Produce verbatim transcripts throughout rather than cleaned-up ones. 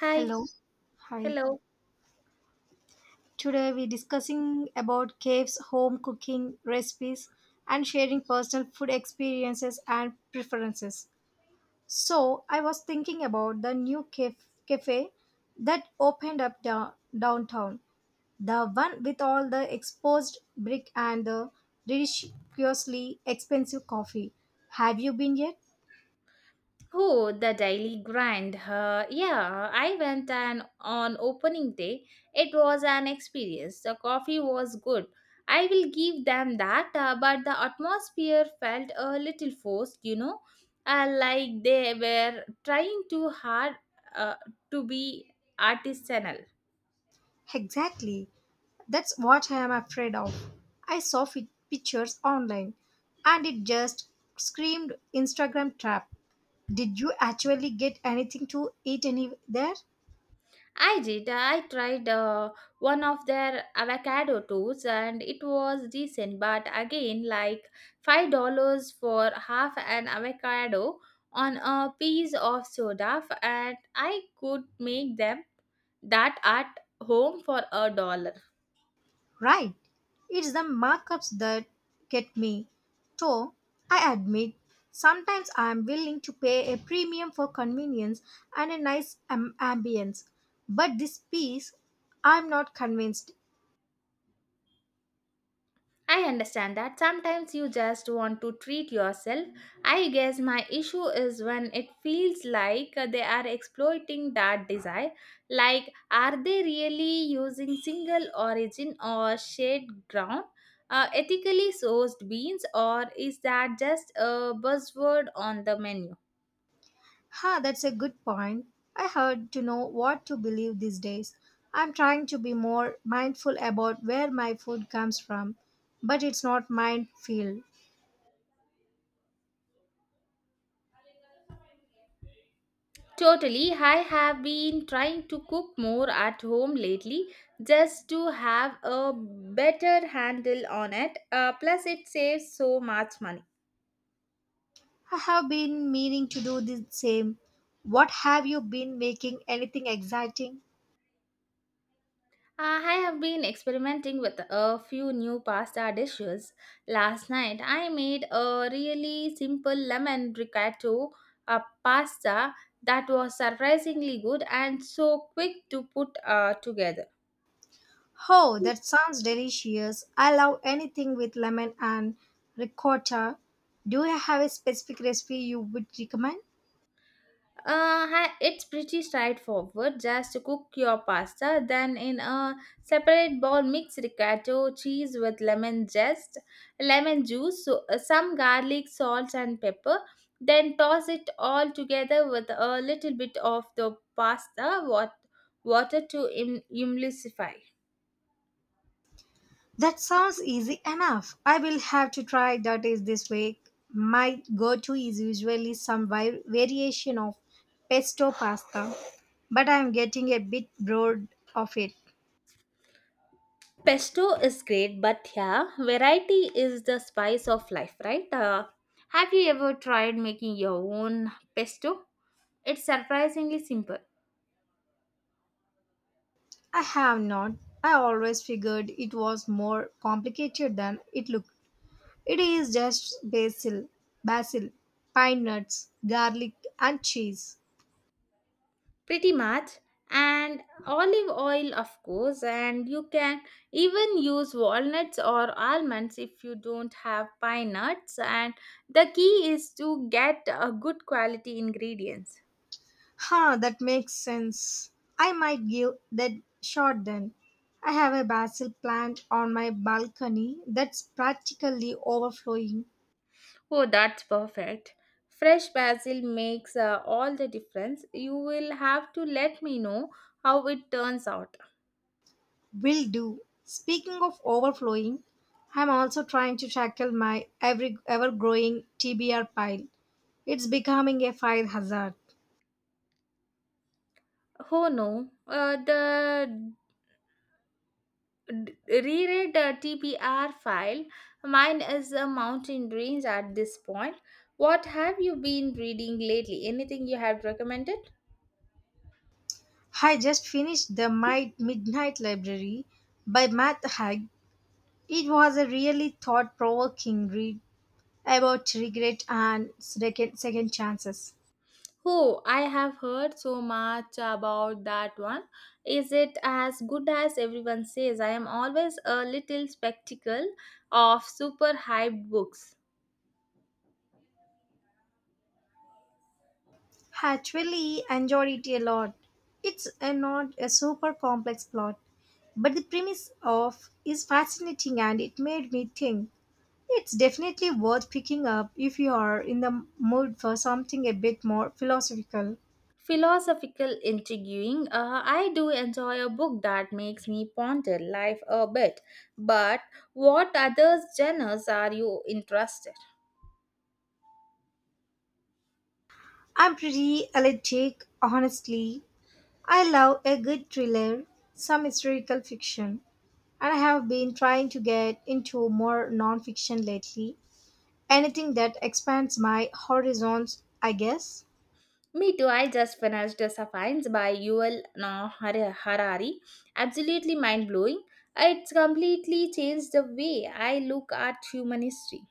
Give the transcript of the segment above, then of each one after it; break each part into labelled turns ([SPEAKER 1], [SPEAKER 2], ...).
[SPEAKER 1] Hi.
[SPEAKER 2] Hello. Hi.
[SPEAKER 1] Hello.
[SPEAKER 2] Today we're discussing about caves, home cooking recipes, and sharing personal food experiences and preferences. So I was thinking about the new caf- cafe that opened up da- downtown. The one with all the exposed brick and the ridiculously expensive coffee. Have you been yet?
[SPEAKER 1] Oh, the daily grind. Uh, yeah, I went and on opening day. It was an experience. The coffee was good. I will give them that, uh, but the atmosphere felt a little forced, you know, uh, like they were trying too hard uh, to be artisanal.
[SPEAKER 2] Exactly. That's what I am afraid of. I saw fi- pictures online and it just screamed Instagram trap. Did you actually get anything to eat any there?
[SPEAKER 1] I did. I tried uh, one of their avocado toast, and it was decent, but again, like five dollars for half an avocado on a piece of soda, f- and I could make them that at home for a dollar.
[SPEAKER 2] Right. It's the markups that get me. So, I admit, sometimes I am willing to pay a premium for convenience and a nice am- ambience. But this piece, I'm not convinced.
[SPEAKER 1] I understand that sometimes you just want to treat yourself. I guess my issue is when it feels like they are exploiting that desire. Like, are they really using single origin or shade ground? Uh, ethically sourced beans, or is that just a buzzword on the menu?
[SPEAKER 2] Ha, that's a good point. I heard to know what to believe these days. I'm trying to be more mindful about where my food comes from, but it's not minefield.
[SPEAKER 1] Totally. I have been trying to cook more at home lately just to have a better handle on it. Uh, plus, it saves so much money.
[SPEAKER 2] I have been meaning to do the same. What have you been making? Anything exciting?
[SPEAKER 1] Uh, I have been experimenting with a few new pasta dishes. Last night, I made a really simple lemon ricotta uh, pasta that was surprisingly good and so quick to put uh, together.
[SPEAKER 2] Oh, that sounds delicious. I love anything with lemon and ricotta. Do you have a specific recipe you would recommend?
[SPEAKER 1] Uh, hi- it's pretty straightforward. Just cook your pasta, then in a separate bowl, mix ricotta cheese with lemon zest, lemon juice, so, uh, some garlic, salt, and pepper. Then toss it all together with a little bit of the pasta wat- water to im- emulsify.
[SPEAKER 2] That sounds easy enough. I will have to try that is this week. My go-to is usually some vi- variation of pesto pasta, but I am getting a bit bored of it.
[SPEAKER 1] Pesto is great, but yeah, variety is the spice of life, right? Uh, have you ever tried making your own pesto? It's surprisingly simple.
[SPEAKER 2] I have not. I always figured it was more complicated than it looked. It is just basil, basil, pine nuts, garlic, and cheese.
[SPEAKER 1] Pretty much. And olive oil, of course, and you can even use walnuts or almonds if you don't have pine nuts. And the key is to get a good quality ingredients.
[SPEAKER 2] Huh, that makes sense. I might give that shot then. I have a basil plant on my balcony that's practically overflowing.
[SPEAKER 1] Oh, that's perfect. Fresh basil makes uh, all the difference. You will have to let me know how it turns out.
[SPEAKER 2] Will do. Speaking of overflowing, I'm also trying to tackle my every ever growing T B R pile. It's becoming a fire hazard.
[SPEAKER 1] Oh no, uh, the d- reread the T P R file. Mine is a mountain range at this point. What have you been reading lately? Anything you have recommended?
[SPEAKER 2] I just finished the My Midnight Library by Matt Haig. It was a really thought provoking read about regret and second, second chances.
[SPEAKER 1] Oh, I have heard so much about that one. Is it as good as everyone says? I am always a little skeptical of super hyped books.
[SPEAKER 2] I actually enjoyed it a lot. It's a, not a super complex plot, but the premise of is fascinating and it made me think. It's definitely worth picking up if you are in the mood for something a bit more philosophical.
[SPEAKER 1] Philosophical, intriguing. uh, I do enjoy a book that makes me ponder life a bit, but what other genres are you interested?
[SPEAKER 2] I'm pretty allergic, honestly. I love a good thriller, some historical fiction, and I have been trying to get into more non-fiction lately. Anything that expands my horizons, I guess.
[SPEAKER 1] Me too. I just finished the Sapiens* by Yuval Noah Har- Harari. Absolutely mind-blowing. It's completely changed the way I look at human history.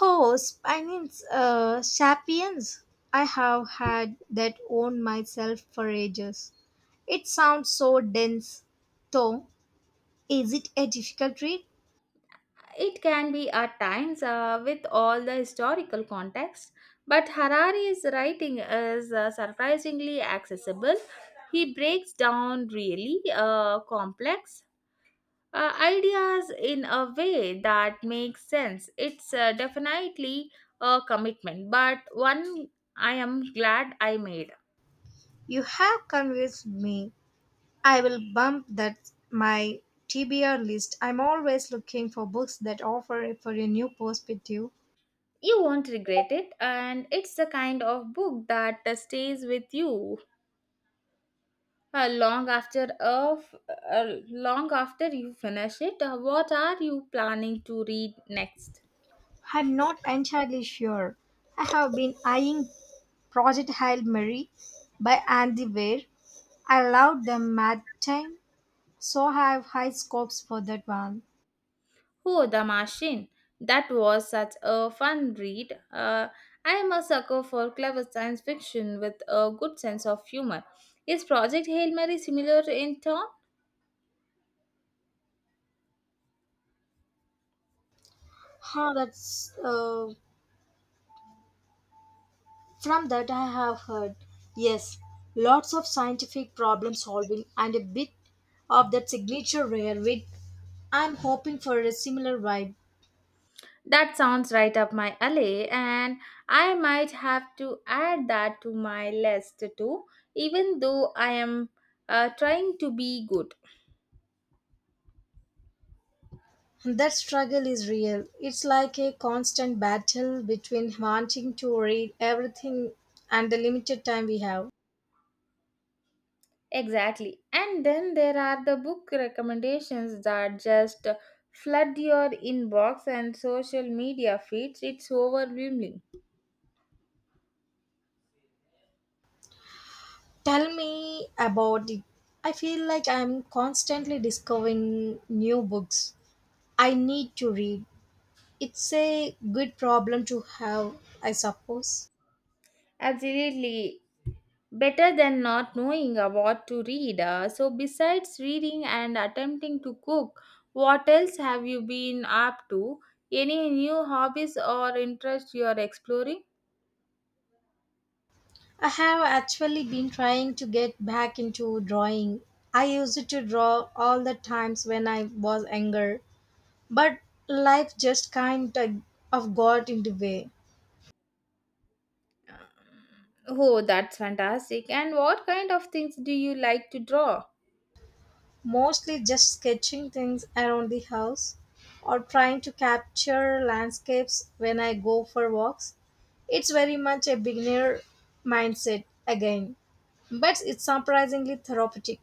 [SPEAKER 2] Oh, Spinings, uh, Sapiens. I have had that on myself for ages. It sounds so dense. Though, is it a difficult read?
[SPEAKER 1] It can be at times uh, with all the historical context, but Harari's writing is uh, surprisingly accessible. He breaks down really uh, complex uh, ideas in a way that makes sense. It's uh, definitely a commitment, but one I am glad I made.
[SPEAKER 2] You have convinced me. I will bump that my T B R list. I'm always looking for books that offer for a new perspective.
[SPEAKER 1] You won't regret it, and it's the kind of book that uh, stays with you Uh, long after of uh, long after you finish it. Uh, what are you planning to read next?
[SPEAKER 2] I'm not entirely sure. I have been eyeing Project Hail Mary by Andy Weir. I loved the mad time, so I have high scopes for that one.
[SPEAKER 1] Oh, The Machine. That was such a fun read. Uh, I am a sucker for clever science fiction with a good sense of humor. Is Project Hail Mary similar in tone?
[SPEAKER 2] Huh, that's uh, from that I have heard. Yes, lots of scientific problem solving and a bit of that signature rare wit. I'm hoping for a similar vibe.
[SPEAKER 1] That sounds right up my alley, and I might have to add that to my list too, even though I am uh, trying to be good.
[SPEAKER 2] That struggle is real. It's like a constant battle between wanting to read everything and the limited time we have.
[SPEAKER 1] Exactly. And then there are the book recommendations that just flood your inbox and social media feeds. It's overwhelming.
[SPEAKER 2] Tell me about it. I feel like I'm constantly discovering new books I need to read. It's a good problem to have, I suppose.
[SPEAKER 1] Absolutely. Better than not knowing uh, what to read. Uh, so, besides reading and attempting to cook, what else have you been up to? Any new hobbies or interests you are exploring?
[SPEAKER 2] I have actually been trying to get back into drawing. I used to draw all the times when I was younger, but life just kind of of got in the way.
[SPEAKER 1] Uh, Oh, that's fantastic. And what kind of things do you like to draw?
[SPEAKER 2] Mostly just sketching things around the house or trying to capture landscapes when I go for walks. It's very much a beginner mindset again, but it's surprisingly therapeutic.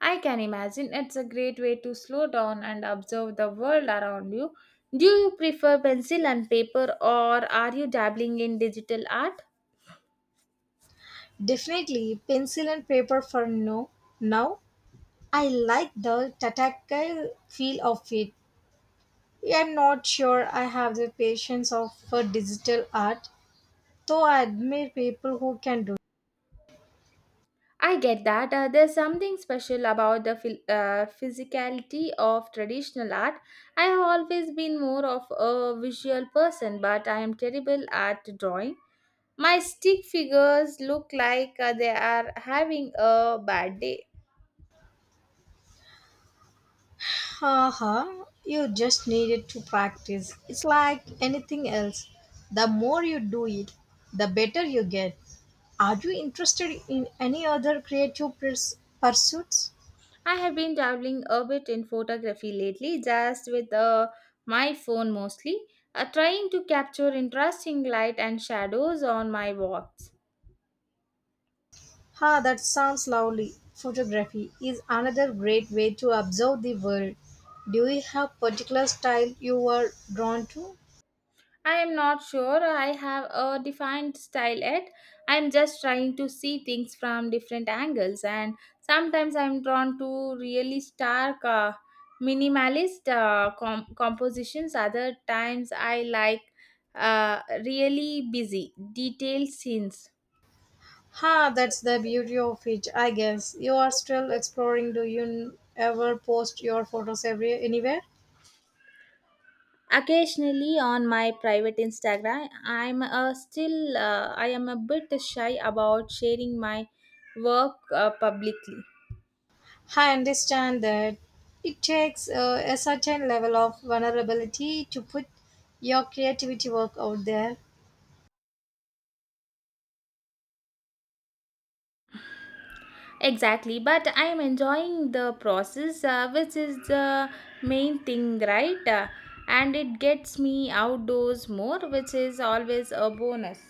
[SPEAKER 1] I can imagine it's a great way to slow down and observe the world around you. Do you prefer pencil and paper, or are you dabbling in digital art?
[SPEAKER 2] Definitely pencil and paper for no. Now I like the tactile feel of it. I'm not sure I have the patience of for digital art. So I admire people who can do.
[SPEAKER 1] I get that. Uh, there's something special about the phil- uh, physicality of traditional art. I have always been more of a visual person, but I am terrible at drawing. My stick figures look like uh, they are having a bad day.
[SPEAKER 2] Haha, you just needed to practice. It's like anything else. The more you do it, the better you get. Are you interested in any other creative purs- pursuits?
[SPEAKER 1] I have been dabbling a bit in photography lately, just with uh, my phone mostly, uh, trying to capture interesting light and shadows on my walks.
[SPEAKER 2] Ha, that sounds lovely. Photography is another great way to observe the world. Do you have particular style you are drawn to?
[SPEAKER 1] I am not sure I have a defined style yet. I am just trying to see things from different angles, and sometimes I am drawn to really stark, uh, minimalist uh, com- compositions. Other times I like uh, really busy, detailed scenes.
[SPEAKER 2] Ha, that's the beauty of it, I guess. You are still exploring. Do you n- ever post your photos every anywhere?
[SPEAKER 1] Occasionally on my private Instagram. i'm uh, still uh, I am a bit shy about sharing my work uh, publicly.
[SPEAKER 2] I understand that it takes uh, a certain level of vulnerability to put your creativity work out there.
[SPEAKER 1] Exactly, but I am enjoying the process, uh, which is the main thing, right? Uh, and it gets me outdoors more, which is always a bonus.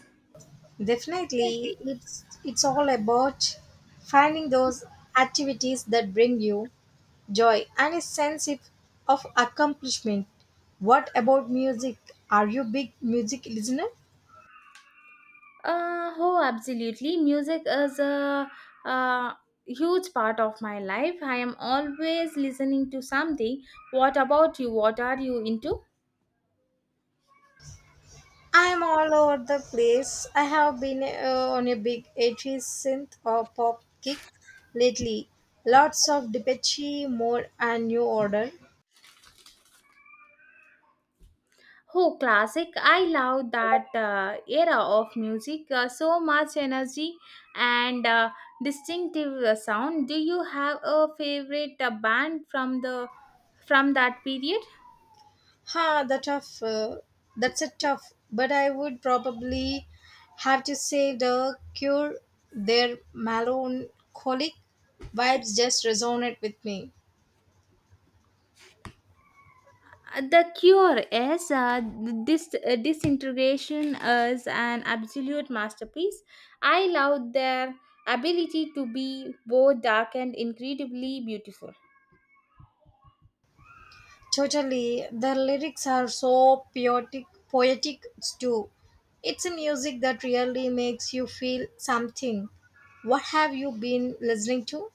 [SPEAKER 2] Definitely, it's it's all about finding those activities that bring you joy and a sense if- of accomplishment. What about music? Are you a big music listener?
[SPEAKER 1] Uh, oh, absolutely. Music is a, uh huge part of my life. I am always listening to something. What about you? What are you into?
[SPEAKER 2] I'm all over the place. I have been uh, on a big eighties synth or pop kick lately. Lots of Depeche Mode and New Order.
[SPEAKER 1] Oh, classic. I love that uh, era of music. Uh, so much energy and uh, distinctive uh, sound. Do you have a favorite uh, band from the from that period?
[SPEAKER 2] Ha, that tough. Uh, that's a tough. But I would probably have to say the Cure. Their melancholic vibes just resonate with me.
[SPEAKER 1] The Cure is uh, this uh, Disintegration is an absolute masterpiece. I love their ability to be both dark and incredibly beautiful.
[SPEAKER 2] Totally. The lyrics are so poetic, poetic too. It's a music that really makes you feel something. What have you been listening to?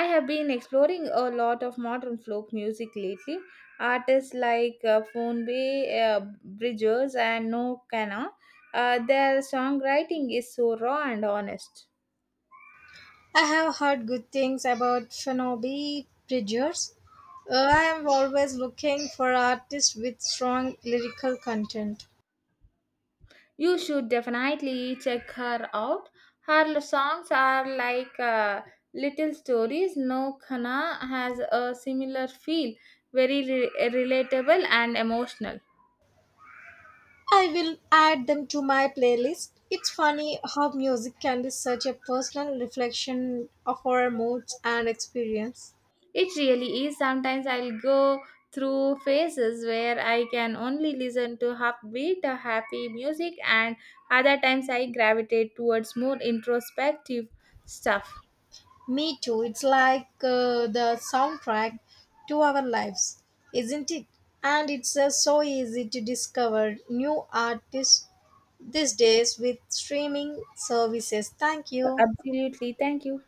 [SPEAKER 1] I have been exploring a lot of modern folk music lately, artists like uh, Fonbe, uh, Bridges and No Kana. Uh, their songwriting is so raw and honest.
[SPEAKER 2] I have heard good things about Phoebe Bridgers. Uh, I am always looking for artists with strong lyrical content.
[SPEAKER 1] You should definitely check her out. Her songs are like uh, little stories. No Khana has a similar feel, very re- relatable and emotional.
[SPEAKER 2] I will add them to my playlist. It's funny how music can be such a personal reflection of our moods and experience.
[SPEAKER 1] It really is. Sometimes I'll go through phases where I can only listen to upbeat, uh, happy music, and other times I gravitate towards more introspective stuff.
[SPEAKER 2] Me too. It's like uh, the soundtrack to our lives, isn't it? And it's uh, so easy to discover new artists these days with streaming services. Thank you.
[SPEAKER 1] Absolutely. Thank you.